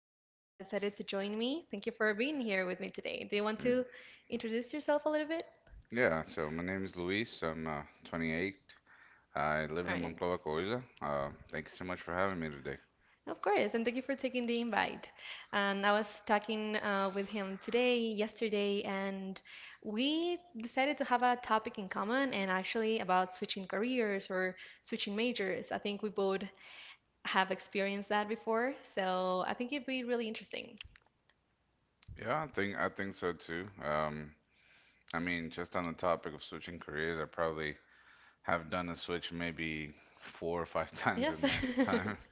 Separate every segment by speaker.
Speaker 1: today that decided to join me. Thank you for being here with me today. Do you want to
Speaker 2: Mm.
Speaker 1: introduce yourself a little bit?
Speaker 2: Yeah, so my name is Luis. I'm 28. I
Speaker 1: All
Speaker 2: live in
Speaker 1: right.
Speaker 2: Monclova, Coahuila. Thank you so much for having me today.
Speaker 1: Of course. And thank you for taking the invite. And I was talking with him today, yesterday, and we decided to have a topic in common and actually about switching careers or switching majors. I think we both have experienced that before. So I think it'd be really interesting.
Speaker 2: Yeah, I think so too. I mean, just on the topic of switching careers, I probably have done a switch maybe four or five times
Speaker 1: Yes.
Speaker 2: in my time.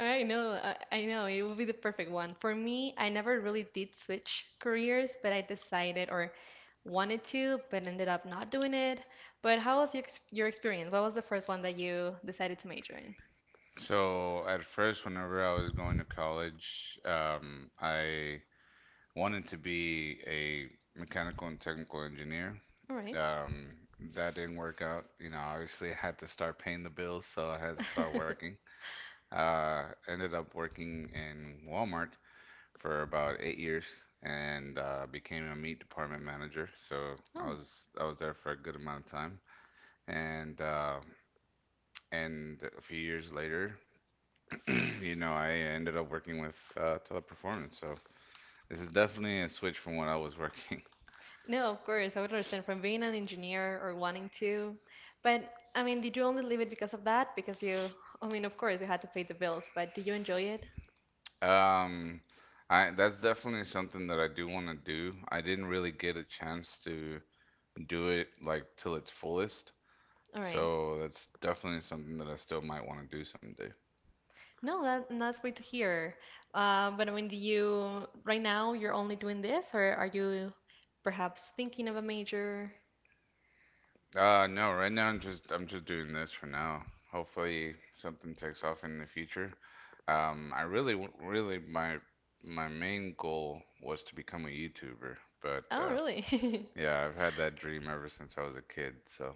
Speaker 1: I know, I know. It will be the perfect one. For me, I never really did switch careers, but I decided or wanted to, but ended up not doing it. But how was your experience? What was the first one that you decided to major in?
Speaker 2: So at first, whenever I was going to college, I wanted to be a mechanical and technical engineer.
Speaker 1: All right.
Speaker 2: Um, that didn't work out. You know, obviously I had to start paying the bills, so I had to start working. Ended up working in Walmart for about 8 years and became a meat department manager. So I
Speaker 1: Oh.
Speaker 2: was I was there for a good amount of time, and uh, and a few years later, you know, I ended up working with Teleperformance. So this is definitely a switch from what I was working.
Speaker 1: No, of course, I would understand from being an engineer or wanting to. But I mean, did you only leave it because of that? Because you, I mean, of course, you had to pay the bills, but did you enjoy it?
Speaker 2: Um, I that's definitely something that I do want to do. I didn't really get a chance to do it like till its fullest,
Speaker 1: All right.
Speaker 2: so that's definitely something that I still might want to do someday.
Speaker 1: No, that's great to hear. But I mean, do you right now you're only doing this, or are you perhaps thinking of a major?
Speaker 2: No, right now I'm just doing this for now. Hopefully something takes off in the future. I really w- really my my main goal was to become a YouTuber, but
Speaker 1: Oh, really?
Speaker 2: yeah, I've had that dream ever since I was a kid. So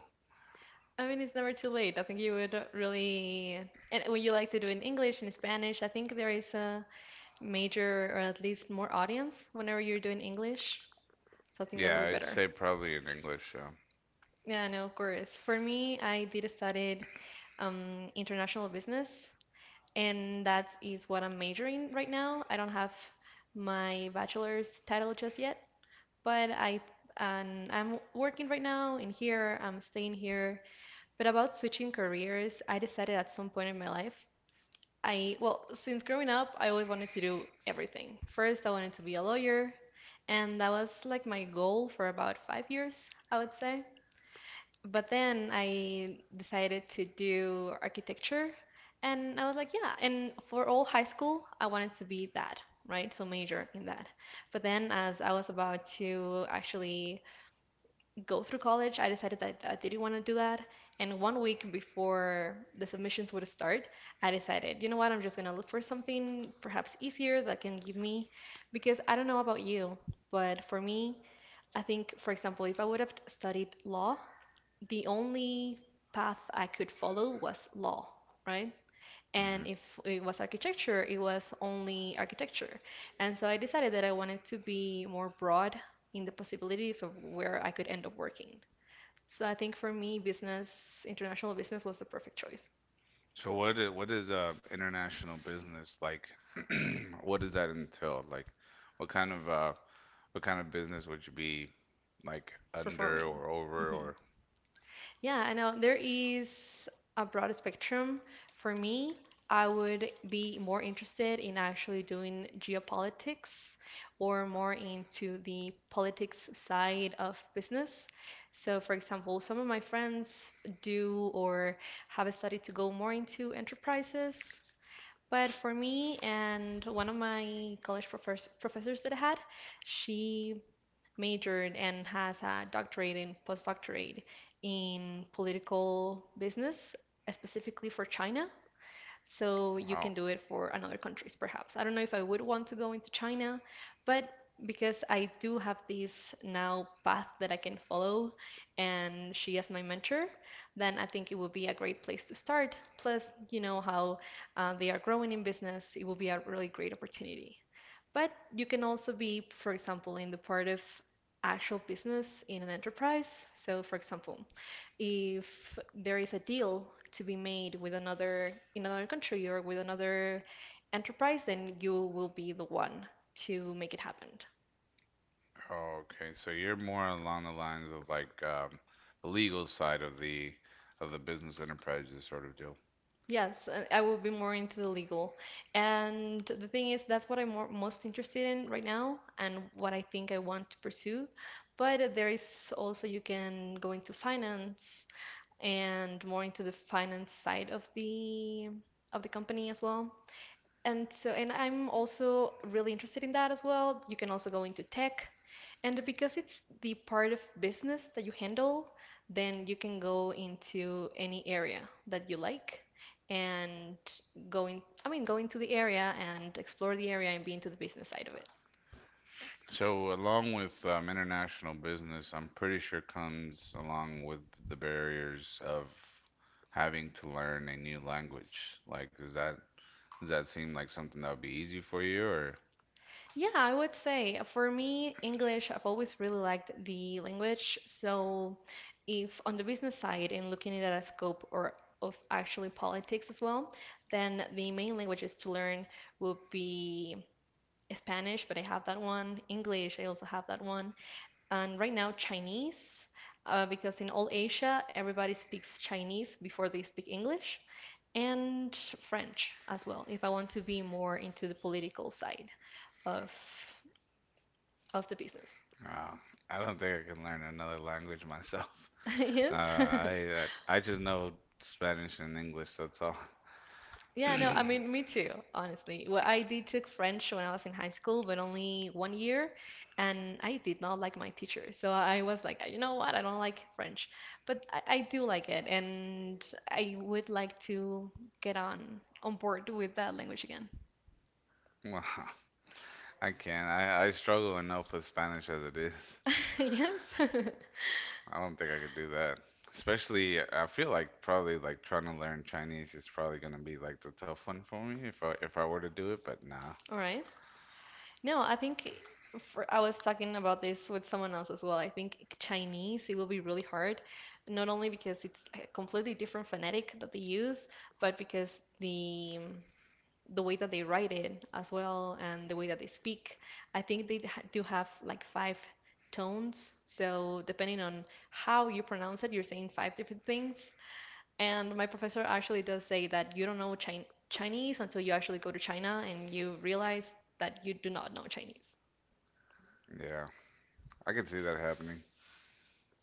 Speaker 1: I mean, it's never too late. I think you would really, and would you like to do in English and Spanish? I think there is a major or at least more audience whenever you're doing English. So I think that would
Speaker 2: yeah,
Speaker 1: be
Speaker 2: I'd
Speaker 1: better.
Speaker 2: say probably in English.
Speaker 1: Yeah, no, of course. For me, I did studied international business, and that is what I'm majoring right now. I don't have my bachelor's title just yet, but I and I'm working right now in here. I'm staying here. But about switching careers, I decided at some point in my life, I well, since growing up, I always wanted to do everything. First, I wanted to be a lawyer, and that was like my goal for about 5 years, I would say. But then I decided to do architecture, and I was like, yeah. And for all high school, I wanted to be that, right? So major in that. But then, as I was about to actually go through college, I decided that I didn't want to do that. And one week before the submissions would start, I decided, you know what, I'm just gonna look for something perhaps easier that can give me, because I don't know about you, but for me, I think, for example, if I would have studied law, the only path I could follow was law, right?
Speaker 2: Yeah.
Speaker 1: And if it was architecture, it was only architecture. And so I decided that I wanted to be more broad in the possibilities of where I could end up working. So I think for me, business, international business was the perfect choice
Speaker 2: So what is international business like? What does that entail? Like, what kind of uh what kind of business would you be like
Speaker 1: for
Speaker 2: under
Speaker 1: me.
Speaker 2: or over
Speaker 1: Mm-hmm.
Speaker 2: or
Speaker 1: Yeah, I know there is a broad spectrum. For me, I would be more interested in actually doing geopolitics or more into the politics side of business. So, for example, some of my friends do or have a study to go more into enterprises. But for me and one of my college professors that I had, she majored and has a doctorate and postdoctorate in political business, specifically for China. So you
Speaker 2: wow.
Speaker 1: can do it for another countries, perhaps. I don't know if I would want to go into China, but because I do have this now path that I can follow, and she as my mentor, then I think it would be a great place to start. Plus, you know how they are growing in business, it will be a really great opportunity. But you can also be, for example, in the part of actual business in an enterprise. So, for example, if there is a deal to be made with another in another country or with another enterprise, then you will be the one to make it happen.
Speaker 2: Oh, okay. So you're more along the lines of like the legal side of the business enterprises sort of deal.
Speaker 1: Yes, I will be more into the legal. And the thing is, that's what I'm more, most interested in right now and what I think I want to pursue. But there is also, you can go into finance and more into the finance side of the company as well. And so, and I'm also really interested in that as well. You can also go into tech. And because it's the part of business that you handle, then you can go into any area that you like and I mean, go into the area and explore the area and be into the business side of it.
Speaker 2: So along with international business, I'm pretty sure comes along with the barriers of having to learn a new language. Like, is that? Does that seem like something that would be easy for you, or
Speaker 1: Yeah, I would say for me, English, I've always really liked the language. So, if on the business side and looking at a scope or of actually politics as well, then the main languages to learn would be Spanish, but I have that one. English, I also have that one. And right now, Chinese, because in all Asia, everybody speaks Chinese before they speak English, and French as well, if I want to be more into the political side of of the business.
Speaker 2: uh, I don't think I can learn another language myself.
Speaker 1: Yes.
Speaker 2: I just know Spanish and English. That's all.
Speaker 1: Yeah, no, I mean, me too, honestly. Well, I did took French when I was in high school, but only one year, and I did not like my teacher. So I was like, you know what? I don't like French, but I do like it, and I would like to get on board with that language again.
Speaker 2: Well, I can't. I struggle enough with Spanish as it is.
Speaker 1: Yes.
Speaker 2: I don't think I could do that. Especially, I feel like probably like trying to learn Chinese is probably gonna be like the tough one for me if I were to do it. But nah,
Speaker 1: All right. No, I think for I was talking about this with someone else as well. I think Chinese it will be really hard, not only because it's a completely different phonetic that they use, but because the way that they write it as well and the way that they speak. I think they do have like five tones. So depending on how you pronounce it, you're saying five different things. And my professor actually does say that you don't know Chinese until you actually go to China and you realize that you do not know Chinese.
Speaker 2: yeah, I can see that happening.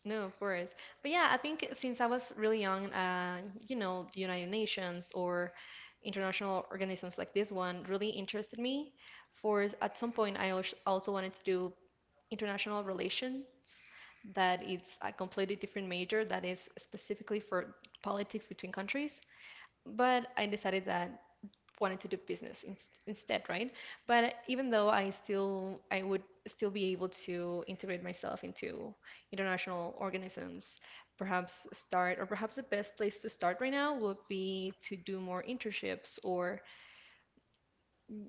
Speaker 1: No, of course. But yeah, I think since I was really young, the United Nations or international organisms like this one really interested me. For at some point, I also wanted to do international relations, that it's a completely different major that is specifically for politics between countries. But I decided that wanted to do business in, instead, right? But even though I would still be able to integrate myself into international organisms, perhaps start or perhaps the best place to start right now would be to do more internships or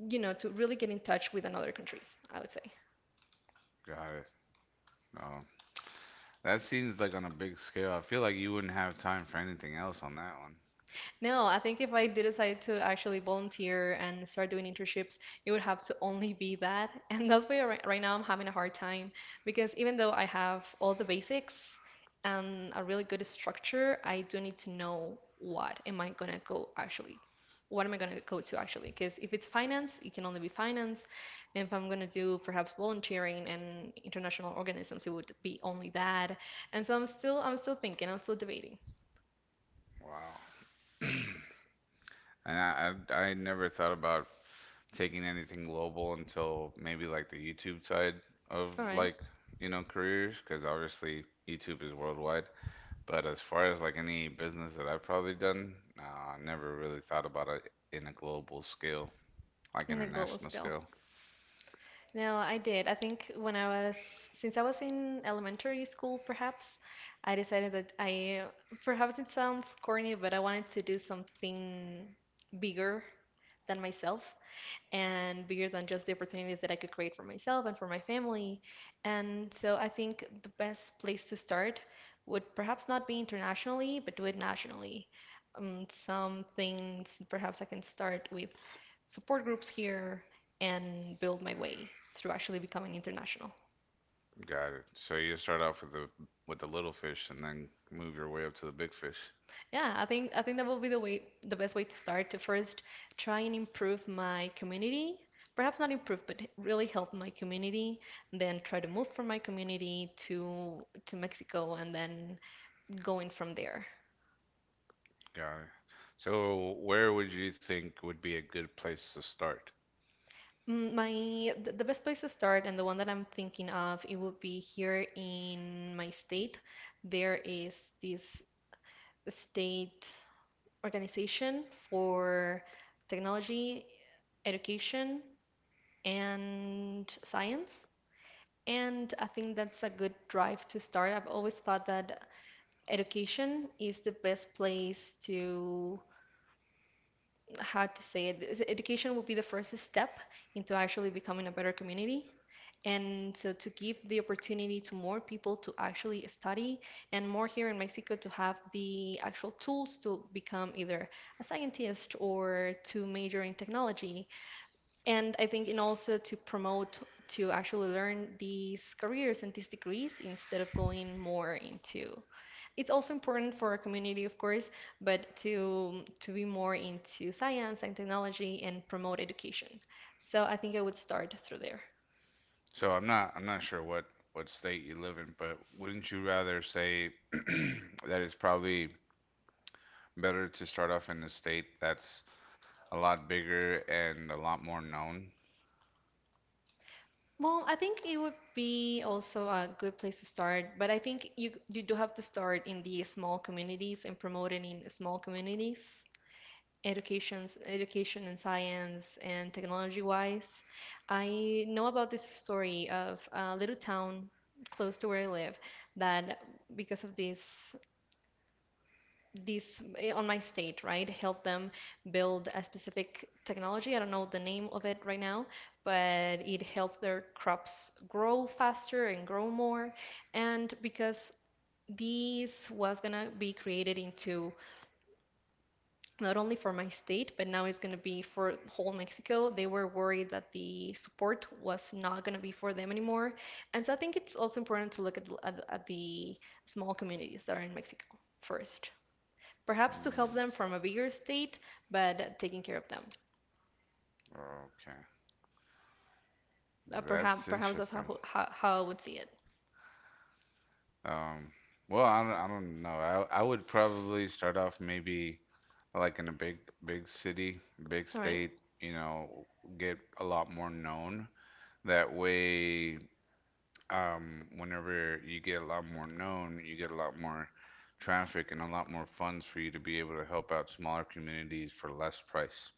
Speaker 1: to really get in touch with another countries, I would say.
Speaker 2: Got it. No. That seems like on a big scale. I feel like you wouldn't have time for anything else on that one.
Speaker 1: No, I think if I do decide to actually volunteer and start doing internships, it would have to only be that. And that's why right now I'm having a hard time because even though I have all the basics and a really good structure, I do need to know what am I gonna go actually. What am I gonna go to actually? Because if it's finance, it can only be finance. And if I'm gonna do perhaps volunteering and international organisms, it would be only that. And so I'm still thinking, I'm still debating.
Speaker 2: Wow. And I never thought about taking anything global until maybe like the YouTube side of
Speaker 1: All right,
Speaker 2: like, you know, careers, because obviously YouTube is worldwide. But as far as like any business that I've probably done, I never really thought about it in a global scale, like
Speaker 1: in a global
Speaker 2: international
Speaker 1: scale.
Speaker 2: scale.
Speaker 1: No, I did. I think when I was, since I was in elementary school, perhaps, I decided that perhaps it sounds corny, but I wanted to do something bigger than myself and bigger than just the opportunities that I could create for myself and for my family. And so I think the best place to start would perhaps not be internationally, but do it nationally. Some things perhaps I can start with support groups here and build my way through actually becoming international.
Speaker 2: Got it. So you start off with the little fish and then move your way up to the big fish.
Speaker 1: Yeah, I think that will be the best way to start, to first try and improve my community. Perhaps not improve, but really help my community, and then try to move from my community to Mexico and then going from there.
Speaker 2: Got it. So where would you think would be a good place to start?
Speaker 1: Mm. My the best place to start and the one that I'm thinking of, it would be here in my state. There is this state organization for technology, education, and science. And I think that's a good drive to start. I've always thought that education is the best place to, how to say it, education will be the first step into actually becoming a better community. And so to give the opportunity to more people to actually study, and more here in Mexico to have the actual tools to become either a scientist or to major in technology, and I think in also to promote to actually learn these careers and these degrees instead of going more into. It's also important for our community, of course, but to be more into science and technology and promote education. So I think I would start through there.
Speaker 2: So I'm not sure what state you live in, but wouldn't you rather say that it's probably better to start off in a state that's a lot bigger and a lot more known?
Speaker 1: Well, I think it would be also a good place to start, but I think you do have to start in the small communities and promote it in small communities. Education, education and science and technology wise. I know about this story of a little town close to where I live that because of on my state, right, helped them build a specific technology. I don't know the name of it right now, but it helped their crops grow faster and grow more. And because this was gonna be created into not only for my state, but now it's going to be for whole Mexico. They were worried that the support was not going to be for them anymore. And so I think it's also important to look at the small communities that are in Mexico first, perhaps to
Speaker 2: Hmm,
Speaker 1: help them from a bigger state, but taking care of them.
Speaker 2: okay.
Speaker 1: Uh, perhaps,
Speaker 2: That's
Speaker 1: perhaps that's
Speaker 2: interesting.
Speaker 1: how I would see it.
Speaker 2: Um, well, I don't know. I would probably start off maybe like in a big big city, big
Speaker 1: All right,
Speaker 2: state, you know, get a lot more known. That way, whenever you get a lot more known, you get a lot more traffic and a lot more funds for you to be able to help out smaller communities for less price.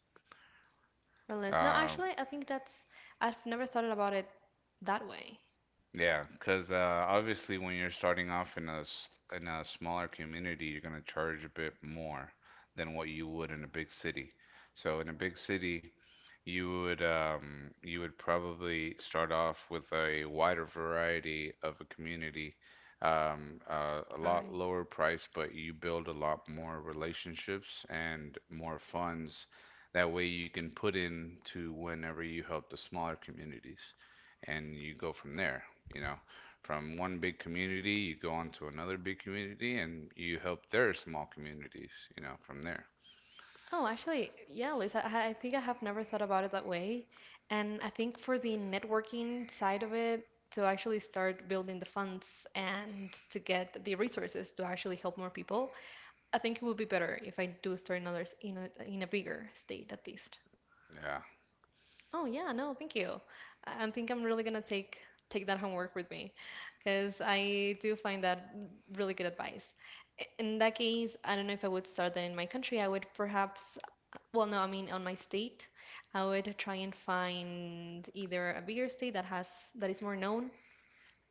Speaker 1: or less. No,
Speaker 2: Uh,
Speaker 1: actually, I think I've never thought about it that way.
Speaker 2: Yeah, because obviously when you're starting off in a in a smaller community, you're gonna charge a bit more than what you would in a big city. So in a big city, you would probably start off with a wider variety of a community, a
Speaker 1: All right.
Speaker 2: lot lower price, but you build a lot more relationships and more funds. That way you can put in to whenever you help the smaller communities and you go from there. You know, from one big community, you go on to another big community, and you help their small communities. You know, from there.
Speaker 1: Oh, actually, yeah, Lisa, I think I have never thought about it that way. And I think for the networking side of it, to actually start building the funds and to get the resources to actually help more people, I think it would be better if I do start another in a bigger state at least.
Speaker 2: Yeah,
Speaker 1: Oh, yeah, no, thank you. I think I'm really gonna take that homework with me because I do find that really good advice. In that case, I don't know if I would start that in my country. I would perhaps well, no, I mean on my state, I would try and find either a bigger state that has that is more known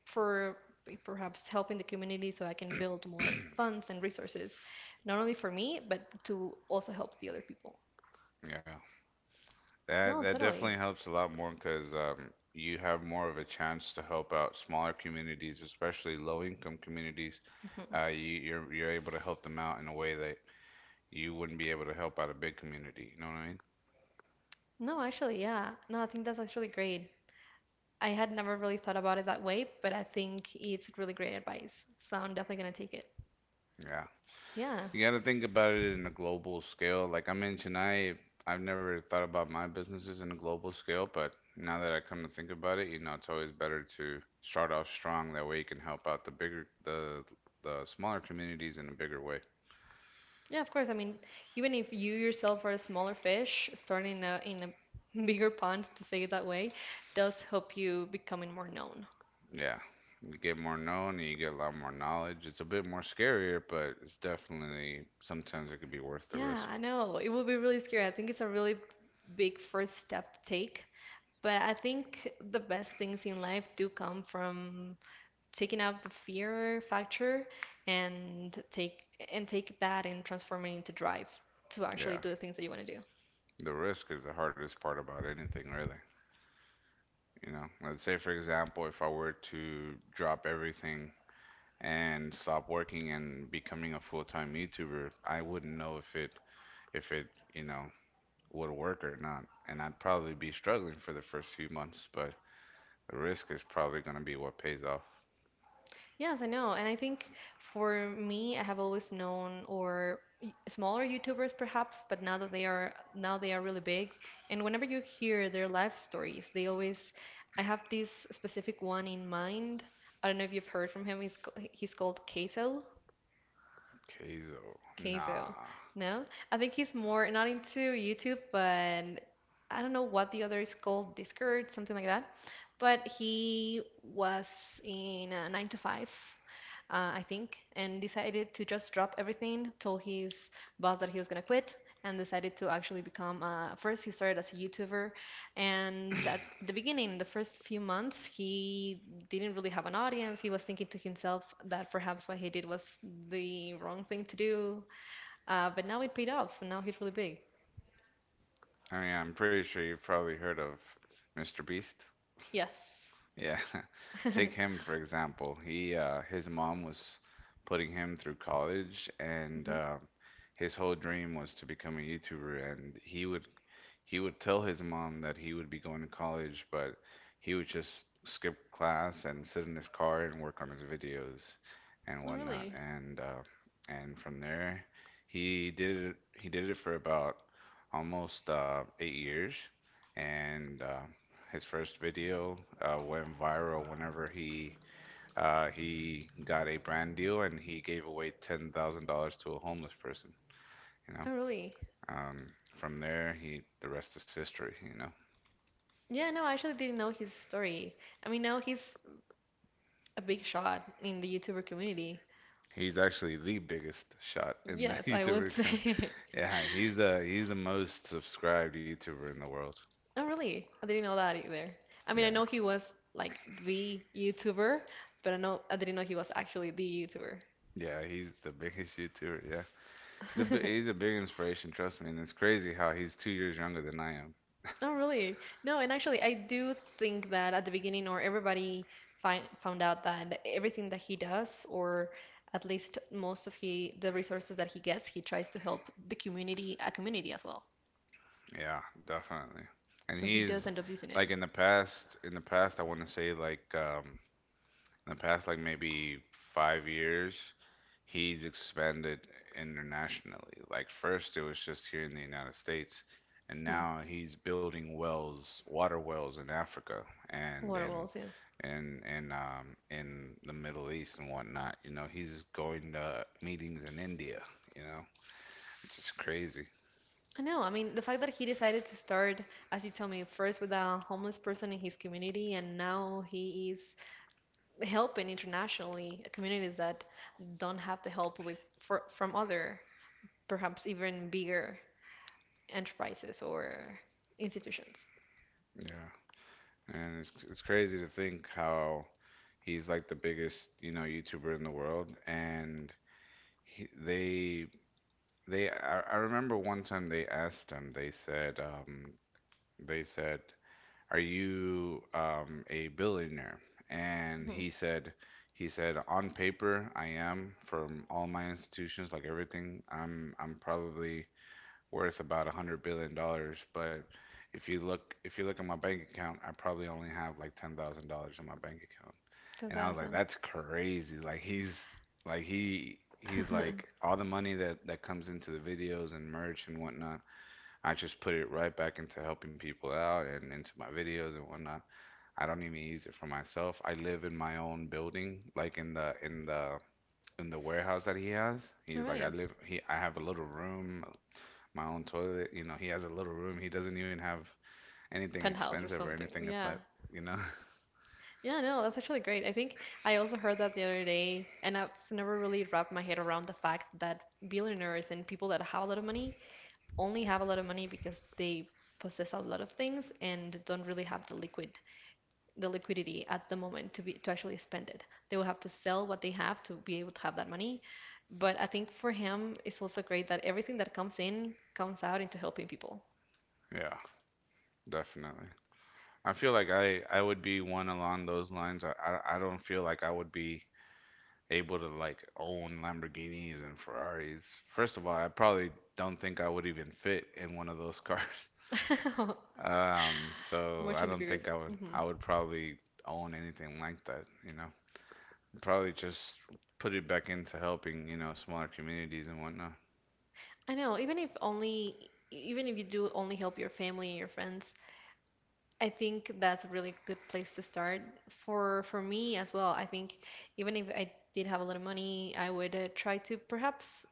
Speaker 1: for perhaps helping the community so I can build more funds and resources, not only for me, but to also help the other people.
Speaker 2: yeah. That
Speaker 1: No,
Speaker 2: that definitely
Speaker 1: totally.
Speaker 2: helps a lot more because you have more of a chance to help out smaller communities, especially low-income communities.
Speaker 1: Mhm.
Speaker 2: You're able to help them out in a way that you wouldn't be able to help out a big community. You know what I mean?
Speaker 1: No, actually, yeah. No, I think that's actually great. I had never really thought about it that way, but I think it's really great advice. So I'm definitely gonna take it.
Speaker 2: Yeah.
Speaker 1: Yeah.
Speaker 2: You got to think about it in a global scale. Like I mentioned, I've never thought about my businesses in a global scale, but now that I come to think about it, you know, it's always better to start off strong. That way, you can help out the bigger, the smaller communities in a bigger way.
Speaker 1: Yeah, of course. I mean, even if you yourself are a smaller fish, starting in a bigger pond, to say it that way, does help you becoming more known.
Speaker 2: Yeah, you get more known and you get a lot more knowledge. It's a bit more scarier, but it's definitely sometimes it could be worth the
Speaker 1: Yeah,
Speaker 2: risk.
Speaker 1: I know. It would be really scary. I think it's a really big first step to take. But I think the best things in life do come from taking out the fear factor and take that and transform it into drive to actually
Speaker 2: Yeah,
Speaker 1: do the things that you want to do.
Speaker 2: the risk is the hardest part about anything, really. You know, let's say for example, if I were to drop everything and stop working and becoming a full-time YouTuber, I wouldn't know if it, you know, would work or not. And I'd probably be struggling for the first few months, but the risk is probably going to be what pays off.
Speaker 1: Yes, I know. And I think for me, I have always known or smaller YouTubers perhaps, but now that they are now they are really big. And whenever you hear their life stories, they always I have this specific one in mind. I don't know if you've heard from him. He's he's called Queso.
Speaker 2: Keizo.
Speaker 1: Queso.
Speaker 2: Nah.
Speaker 1: No? I think he's more not into YouTube, but I don't know what the other is called, Discord, something like that. But he was in a 9 to 5, I think, and decided to just drop everything, told his boss that he was gonna quit, and decided to actually become, first he started as a YouTuber, and at the beginning, the first few months, he didn't really have an audience. He was thinking to himself that perhaps what he did was the wrong thing to do, but now it paid off, and now he's really big.
Speaker 2: I mean, I'm pretty sure you've probably heard of Mr. Beast.
Speaker 1: Yes.
Speaker 2: Yeah.
Speaker 1: Hmm.
Speaker 2: Take him for example. He his mom was putting him through college and his whole dream was to become a YouTuber and he would tell his mom that he would be going to college, but he would just skip class and sit in his car and work on his videos and
Speaker 1: Oh,
Speaker 2: whatnot.
Speaker 1: really?
Speaker 2: And from there, he did it for about almost 8 years, and his first video went viral whenever he he got a brand deal and he gave away $10,000 to a homeless person. You know,
Speaker 1: Oh, really?
Speaker 2: um, from there he the rest is history. You know,
Speaker 1: Yeah, no, I actually didn't know his story. I mean, now he's a big shot in the YouTuber community.
Speaker 2: he's actually the biggest shot in the
Speaker 1: Yes, I would
Speaker 2: YouTuber.
Speaker 1: say.
Speaker 2: Yeah, he's the most subscribed YouTuber in the world.
Speaker 1: Oh, really? I didn't know that either. I mean, I
Speaker 2: Yeah,
Speaker 1: know he was like the YouTuber, but I know I didn't know he was actually the
Speaker 2: yeah, he's the biggest YouTuber. Yeah,
Speaker 1: YouTuber.
Speaker 2: he's a big inspiration. Trust me, and it's crazy how he's 2 years younger than I am.
Speaker 1: Oh, really? No, and actually, I do think that at the beginning, or everybody found out that everything that he does, or at least most of he the resources that he gets, he tries to help the community, a community as well.
Speaker 2: Yeah, definitely. And
Speaker 1: So he does
Speaker 2: he's
Speaker 1: end up using
Speaker 2: like
Speaker 1: it.
Speaker 2: in the past, I want to say like in the past like maybe 5 years, he's expanded internationally. Like first it was just here in the United States, and
Speaker 1: Hmm.
Speaker 2: now he's building wells, water wells in Africa
Speaker 1: What
Speaker 2: and in
Speaker 1: else? Yes.
Speaker 2: in in um in the Middle East and whatnot. You know, he's going to meetings in India, you know. It's just crazy.
Speaker 1: I know. I mean, the fact that he decided to start, as you tell me, first with a homeless person in his community, and now he is helping internationally communities that don't have the help from other, perhaps even bigger enterprises or institutions.
Speaker 2: Yeah. And it's crazy to think how he's like the biggest, you know, YouTuber in the world. And he, they I remember one time they asked him, they said, "Are you a billionaire?" And
Speaker 1: Mhm.
Speaker 2: he said, "On paper, I am. From all my institutions, like everything, I'm probably worth about $100 billion. But if you look at my bank account, I probably only have like $10,000 in my bank account." And I was like,
Speaker 1: 2000.
Speaker 2: that's crazy. Like he's like he he's
Speaker 1: All
Speaker 2: like all the money that that comes into the videos and merch and whatnot, I just put it right back into helping people out and into my videos and whatnot. I don't even use it for myself. I live in my own building, like in the in the in the warehouse that he has. He's like, I
Speaker 1: right.
Speaker 2: live he I have a little room, my own toilet. You know, he has a little room. He doesn't even have anything
Speaker 1: Penthouse or
Speaker 2: expensive or
Speaker 1: something.
Speaker 2: anything of
Speaker 1: Yeah.
Speaker 2: that. You know,
Speaker 1: Yeah, no, that's actually great. I think I also heard that the other day, and I've never really wrapped my head around the fact that billionaires and people that have a lot of money only have a lot of money because they possess a lot of things and don't really have the liquidity at the moment to actually spend it. They will have to sell what they have to be able to have that money. But I think for him, it's also great that everything that comes in comes out into helping people.
Speaker 2: yeah, definitely. I feel like I would be one along those lines. I don't feel like I would be able to like own Lamborghinis and Ferraris. First of all, I probably don't think I would even fit in one of those cars. So I
Speaker 1: Watching the
Speaker 2: don't
Speaker 1: bigger.
Speaker 2: think I would
Speaker 1: Hmm.
Speaker 2: I would probably own anything like that, you know. Probably just put it back into helping, you know, smaller communities and whatnot.
Speaker 1: I know. Even if you do only help your family and your friends, I think that's a really good place to start. For me as well, I think even if I did have a lot of money, I would try to perhaps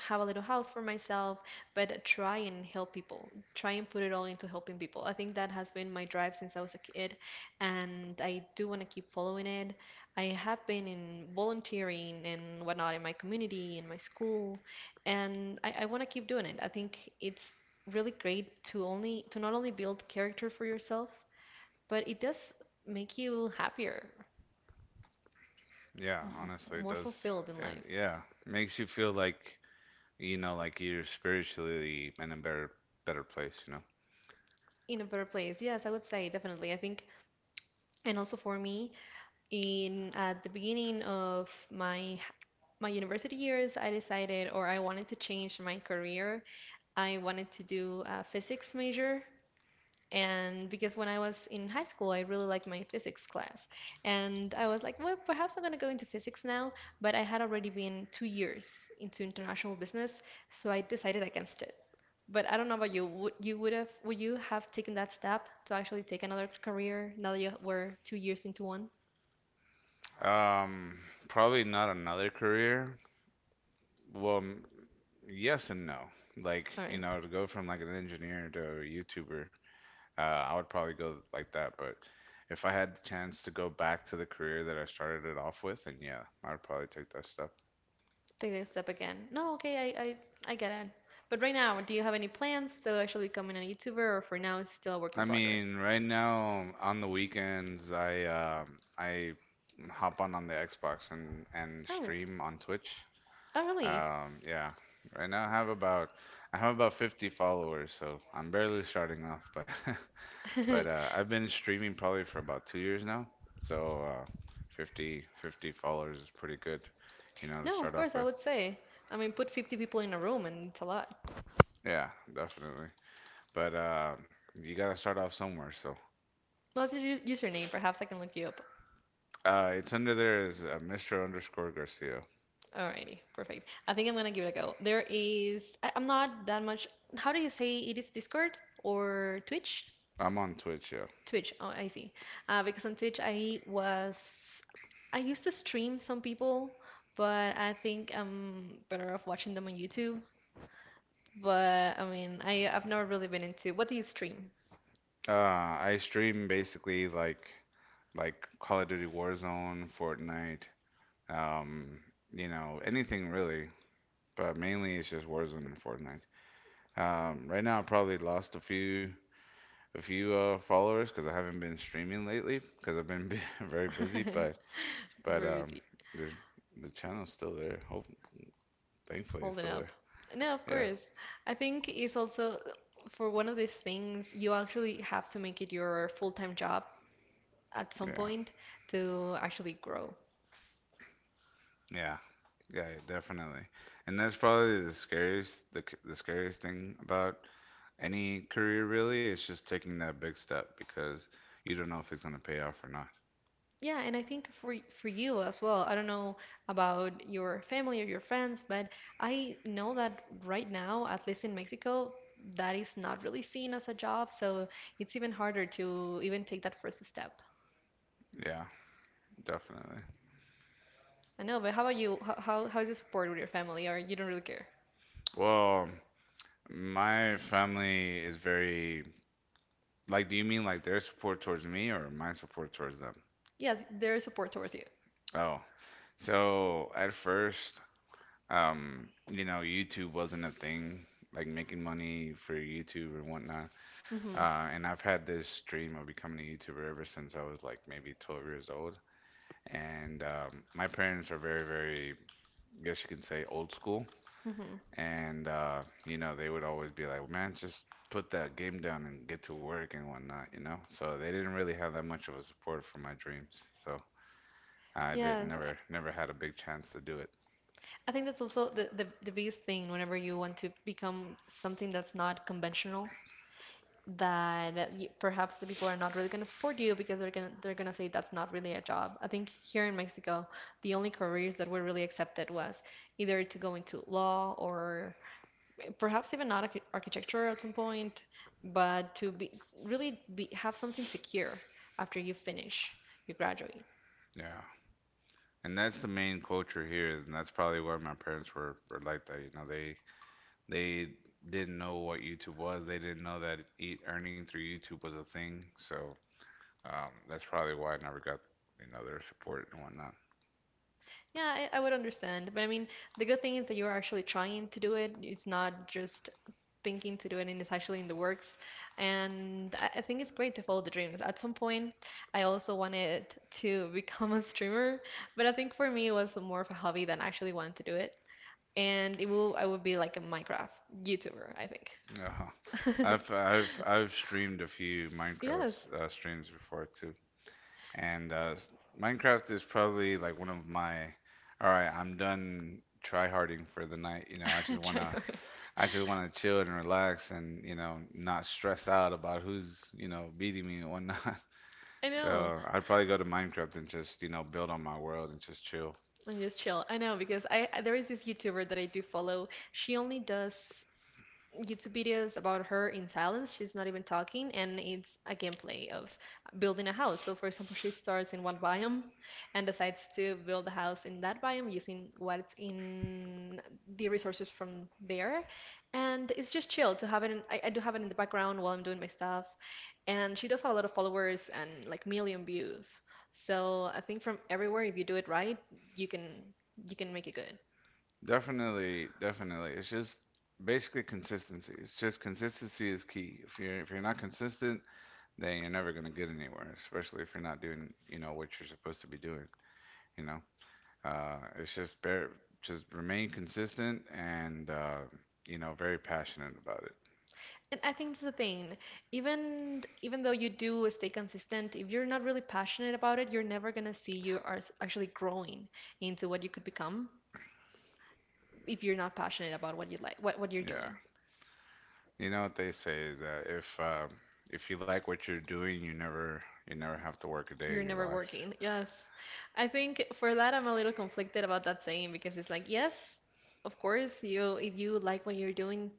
Speaker 1: have a little house for myself, but try and help people. Try and put it all into helping people. I think that has been my drive since I was a kid, and I do want to keep following it. I have been in volunteering and whatnot in my community, in my school, and I want to keep doing it. I think it's really great to not only build character for yourself, but it does make you happier,
Speaker 2: Yeah,
Speaker 1: m-
Speaker 2: honestly, it
Speaker 1: more
Speaker 2: does.
Speaker 1: fulfilled in life,
Speaker 2: It, yeah, makes you feel like you know, like you're spiritually in a better place. You
Speaker 1: in a better place. Yes, I would say definitely. I think, and also for me, in at the beginning of my university years, I decided, or I wanted to change my career. I wanted to do a physics major, and because when I was in high school I really liked my physics class. And I was like, well, perhaps I'm going to go into physics now, but I had already been 2 years into international business, so I decided against it. But I don't know about you. Would you would have would you have taken that step to actually take another career now that you were 2 years into one?
Speaker 2: know, probably not another career. Well, yes and no. Like
Speaker 1: All
Speaker 2: you
Speaker 1: right.
Speaker 2: know, to go from like an engineer to a YouTuber, I would probably go like that. But if I had the chance to go back to the career that I started it off with, then yeah, I'd probably take that step.
Speaker 1: Take the step again. No, okay, I get it. But right now, do you have any plans to actually become a YouTuber, or for now it's still a work
Speaker 2: I
Speaker 1: in
Speaker 2: mean,
Speaker 1: progress?
Speaker 2: right now on the weekends, I hop on the Xbox and
Speaker 1: Oh,
Speaker 2: stream on Twitch.
Speaker 1: oh, really?
Speaker 2: Yeah, right now I have about 50 followers, so I'm barely starting off, but but I've been streaming probably for about 2 years now, so 50 50 followers is pretty good, you know, to
Speaker 1: No,
Speaker 2: start
Speaker 1: of
Speaker 2: off
Speaker 1: course, I
Speaker 2: with.
Speaker 1: would say. I mean, put 50 people in a room and it's a lot.
Speaker 2: Yeah, definitely. But you gotta start off somewhere, so.
Speaker 1: What's your username? Perhaps I can look you up.
Speaker 2: It's under there is Mr. underscore Garcia.
Speaker 1: Alrighty, perfect. I think I'm gonna give it a go. I'm not that much. How do you say it is Discord or Twitch?
Speaker 2: I'm on Twitch, yeah.
Speaker 1: Twitch. Oh, I see. Because on Twitch, I used to stream some people, but I think I'm better off watching them on YouTube. But I mean, I've never really been into. What do you stream?
Speaker 2: I stream basically like Call of Duty Warzone, Fortnite, um, you know, anything really. But mainly it's just Warzone and Fortnite. Right now I probably lost a few followers because I haven't been streaming lately because I've been very busy. But but
Speaker 1: Very
Speaker 2: um,
Speaker 1: busy.
Speaker 2: there's the channel's still there. Hope Thankfully it's
Speaker 1: Holding
Speaker 2: still there.
Speaker 1: up. No, of
Speaker 2: Yeah,
Speaker 1: course. I think it's also for one of these things, you actually have to make it your full-time job at some
Speaker 2: yeah.
Speaker 1: point to actually grow.
Speaker 2: Yeah, yeah, definitely. And that's probably the scariest, the scariest thing about any career really is just taking that big step because you don't know if it's gonna pay off or not.
Speaker 1: Yeah, and I think for for you as well, I don't know about your family or your friends, but I know that right now, at least in Mexico, that is not really seen as a job, so it's even harder to even take that first step.
Speaker 2: Yeah, definitely.
Speaker 1: I know, but how about you? How is the support with your family, or you don't really care?
Speaker 2: Well, my family is very. Do you mean like their support towards me or my support towards them?
Speaker 1: Yes, there is support towards you.
Speaker 2: Oh, so at first, you know, YouTube wasn't a thing, like making money for YouTube or whatnot.
Speaker 1: Mm-hmm.
Speaker 2: And I've had this dream of becoming a YouTuber ever since I was like maybe 12 years old. And my parents are very, very, I guess you can say, old school.
Speaker 1: Mm-hmm.
Speaker 2: And, you know, they would always be like, man, just put that game down and get to work and whatnot, you know? So they didn't really have that much of a support for my dreams. So I didn't,
Speaker 1: Yes, I
Speaker 2: never had a big chance to do it.
Speaker 1: I think that's also the biggest thing whenever you want to become something that's not conventional. That you, perhaps the people are not really going to support you because they're going to say that's not really a job. I think here in Mexico, the only careers that were really accepted was either to go into law or perhaps even not architecture at some point, but to have something secure after you finish, you graduate.
Speaker 2: Yeah. And that's the main culture here. And that's probably why my parents were like that. You know, they didn't know what YouTube was. They didn't know that e earning through YouTube was a thing. So that's probably why I never got, you know, their support and whatnot.
Speaker 1: Yeah, I would understand. But I mean, the good thing is that you're actually trying to do it. It's not just thinking to do it and it's actually in the works. And I think it's great to follow the dreams. At some point, I also wanted to become a streamer, but I think for me it was more of a hobby than actually wanted to do it. And it will I would be like a Minecraft YouTuber, I
Speaker 2: No,
Speaker 1: think.
Speaker 2: I've I've I've streamed a few
Speaker 1: Yes,
Speaker 2: Minecraft streams before too, and Minecraft is probably like one of my. All right, I'm done tryharding for the night. You know,
Speaker 1: try hard.
Speaker 2: I just wanna chill and relax and you know not stress out about who's you know beating me and whatnot.
Speaker 1: I know.
Speaker 2: So I'd probably go to Minecraft and just, you know, build on my world and just chill.
Speaker 1: I'm just chill. I know because there is this YouTuber that I do follow. She only does YouTube videos about her in silence. She's not even talking, and it's a gameplay of building a house. So, for example, she starts in one biome and decides to build a house in that biome using what's in the resources from there. And it's just chill to have it in. I do have it in the background while I'm doing my stuff. And she does have a lot of followers and like million views. So I think from everywhere, if you do it right, you can you can make it good.
Speaker 2: Definitely, definitely. It's just basically consistency. It's just consistency is key. If you're not consistent, then you're never gonna get anywhere, especially if you're not doing, you know, what you're supposed to be doing, you know. Uh, it's just bare, just remain consistent and you know, very passionate about it.
Speaker 1: And I think it's the thing. Even though you do stay consistent, if you're not really passionate about it, you're never gonna see you are actually growing into what you could become if you're not passionate about what you like, what you're
Speaker 2: Yeah.
Speaker 1: doing.
Speaker 2: You know what they say is that if you like what you're doing, you never have to work a day
Speaker 1: You're
Speaker 2: in your
Speaker 1: never
Speaker 2: life.
Speaker 1: working. Yes. I think for that I'm a little conflicted about that saying because it's like, yes, of course, you if you like what you're doing,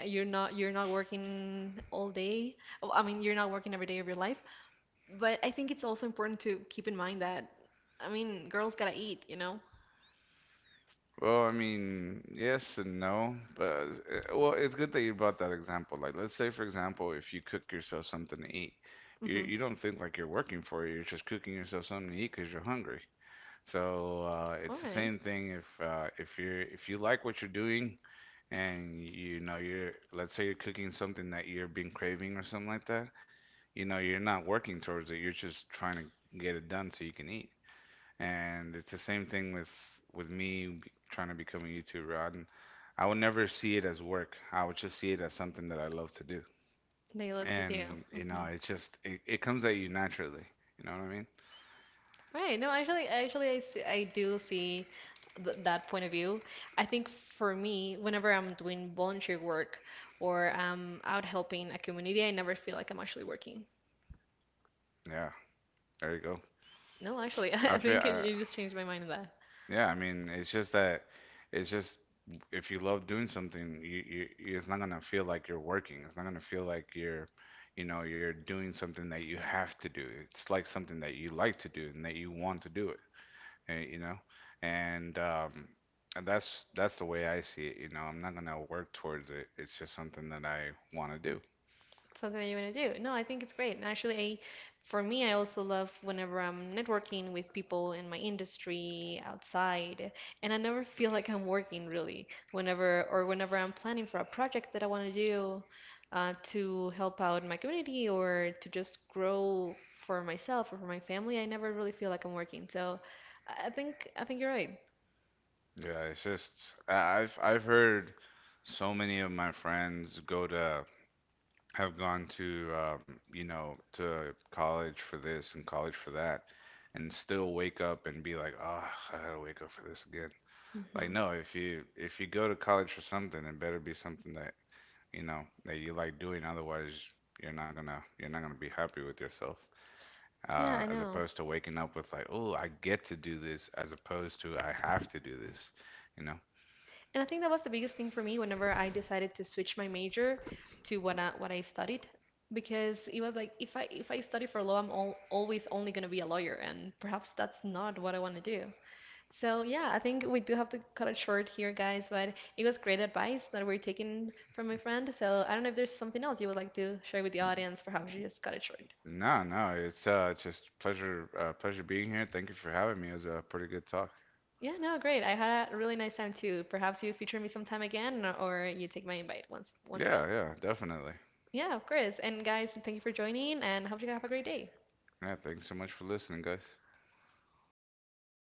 Speaker 1: you're not working all day. Oh, I mean, you're not working every day of your life, but I think it's also important to keep in mind that, I mean, girls gotta eat,
Speaker 2: Well, I mean, yes and no, but well, it's good that you brought that example. Like, let's say, for example, if you cook yourself something to eat,
Speaker 1: Mm-hmm.
Speaker 2: you don't think like you're working for it. You're just cooking yourself something to eat because you're hungry. So
Speaker 1: All
Speaker 2: it's the
Speaker 1: right.
Speaker 2: same thing if you're if you like what you're doing, and you know you're let's say you're cooking something that you're been craving or something like that. You know, you're not working towards it. You're just trying to get it done so you can eat. And it's the same thing with me trying to become a YouTuber. I would never see it as work. I would just see it as something that I love to do.
Speaker 1: They love to do.
Speaker 2: And you know,
Speaker 1: Mm-hmm.
Speaker 2: it comes at you naturally. You know what I mean?
Speaker 1: Right. No, actually, I do see th that point of view. I think for me, whenever I'm doing volunteer work or I'm out helping a community, I never feel like I'm actually working.
Speaker 2: Yeah. There you go.
Speaker 1: No, actually,
Speaker 2: I
Speaker 1: I
Speaker 2: feel.
Speaker 1: think you just changed my mind on that.
Speaker 2: Yeah. I mean, it's just that. It's just if you love doing something, it's not gonna feel like you're working. It's not gonna feel like you know, you're doing something that you have to do. It's like something that you like to do and that you want to do you know, and um, and that's the way I see it. You know, I'm not gonna work towards it. It's just something that I want to do.
Speaker 1: Something that you want to do. No, I think it's great. And actually, I, for me, I also love whenever I'm networking with people in my industry, outside, and I never feel like I'm working really. Whenever I'm planning for a project that I want to do, to help out my community or to just grow for myself or for my family, I never really feel like I'm working. So, I think I think you're right.
Speaker 2: Yeah, it's just I've heard so many of my friends go to have gone to you know to college for this and college for that, and still wake up and be like, oh, I gotta wake up for this again. Like
Speaker 1: Hmm.
Speaker 2: no, if you go to college for something, it better be something that you know that you like doing, otherwise you're not gonna be happy with yourself
Speaker 1: Yeah, I
Speaker 2: as
Speaker 1: know.
Speaker 2: opposed to waking up with like, oh, I get to do this as opposed to I have to do this, you know.
Speaker 1: And I think that was the biggest thing for me whenever I decided to switch my major to what I studied because it was like if I study for law, always only going to be a lawyer and perhaps that's not what I want to do. So yeah, I think we do have to cut it short here, guys, but it was great advice that we're taking from my friend. So I don't know if there's something else you would like to share with the audience, perhaps you just cut it short.
Speaker 2: No, no, it's just pleasure, pleasure being here. Thank you for having me. It was a pretty good talk.
Speaker 1: Yeah, no, great. I had a really nice time too. Perhaps you feature me sometime again or you take my invite once
Speaker 2: Yeah,
Speaker 1: again.
Speaker 2: yeah, definitely.
Speaker 1: Yeah, of course. And guys, thank you for joining and hope you have a great day.
Speaker 2: Yeah, thanks so much for listening, guys.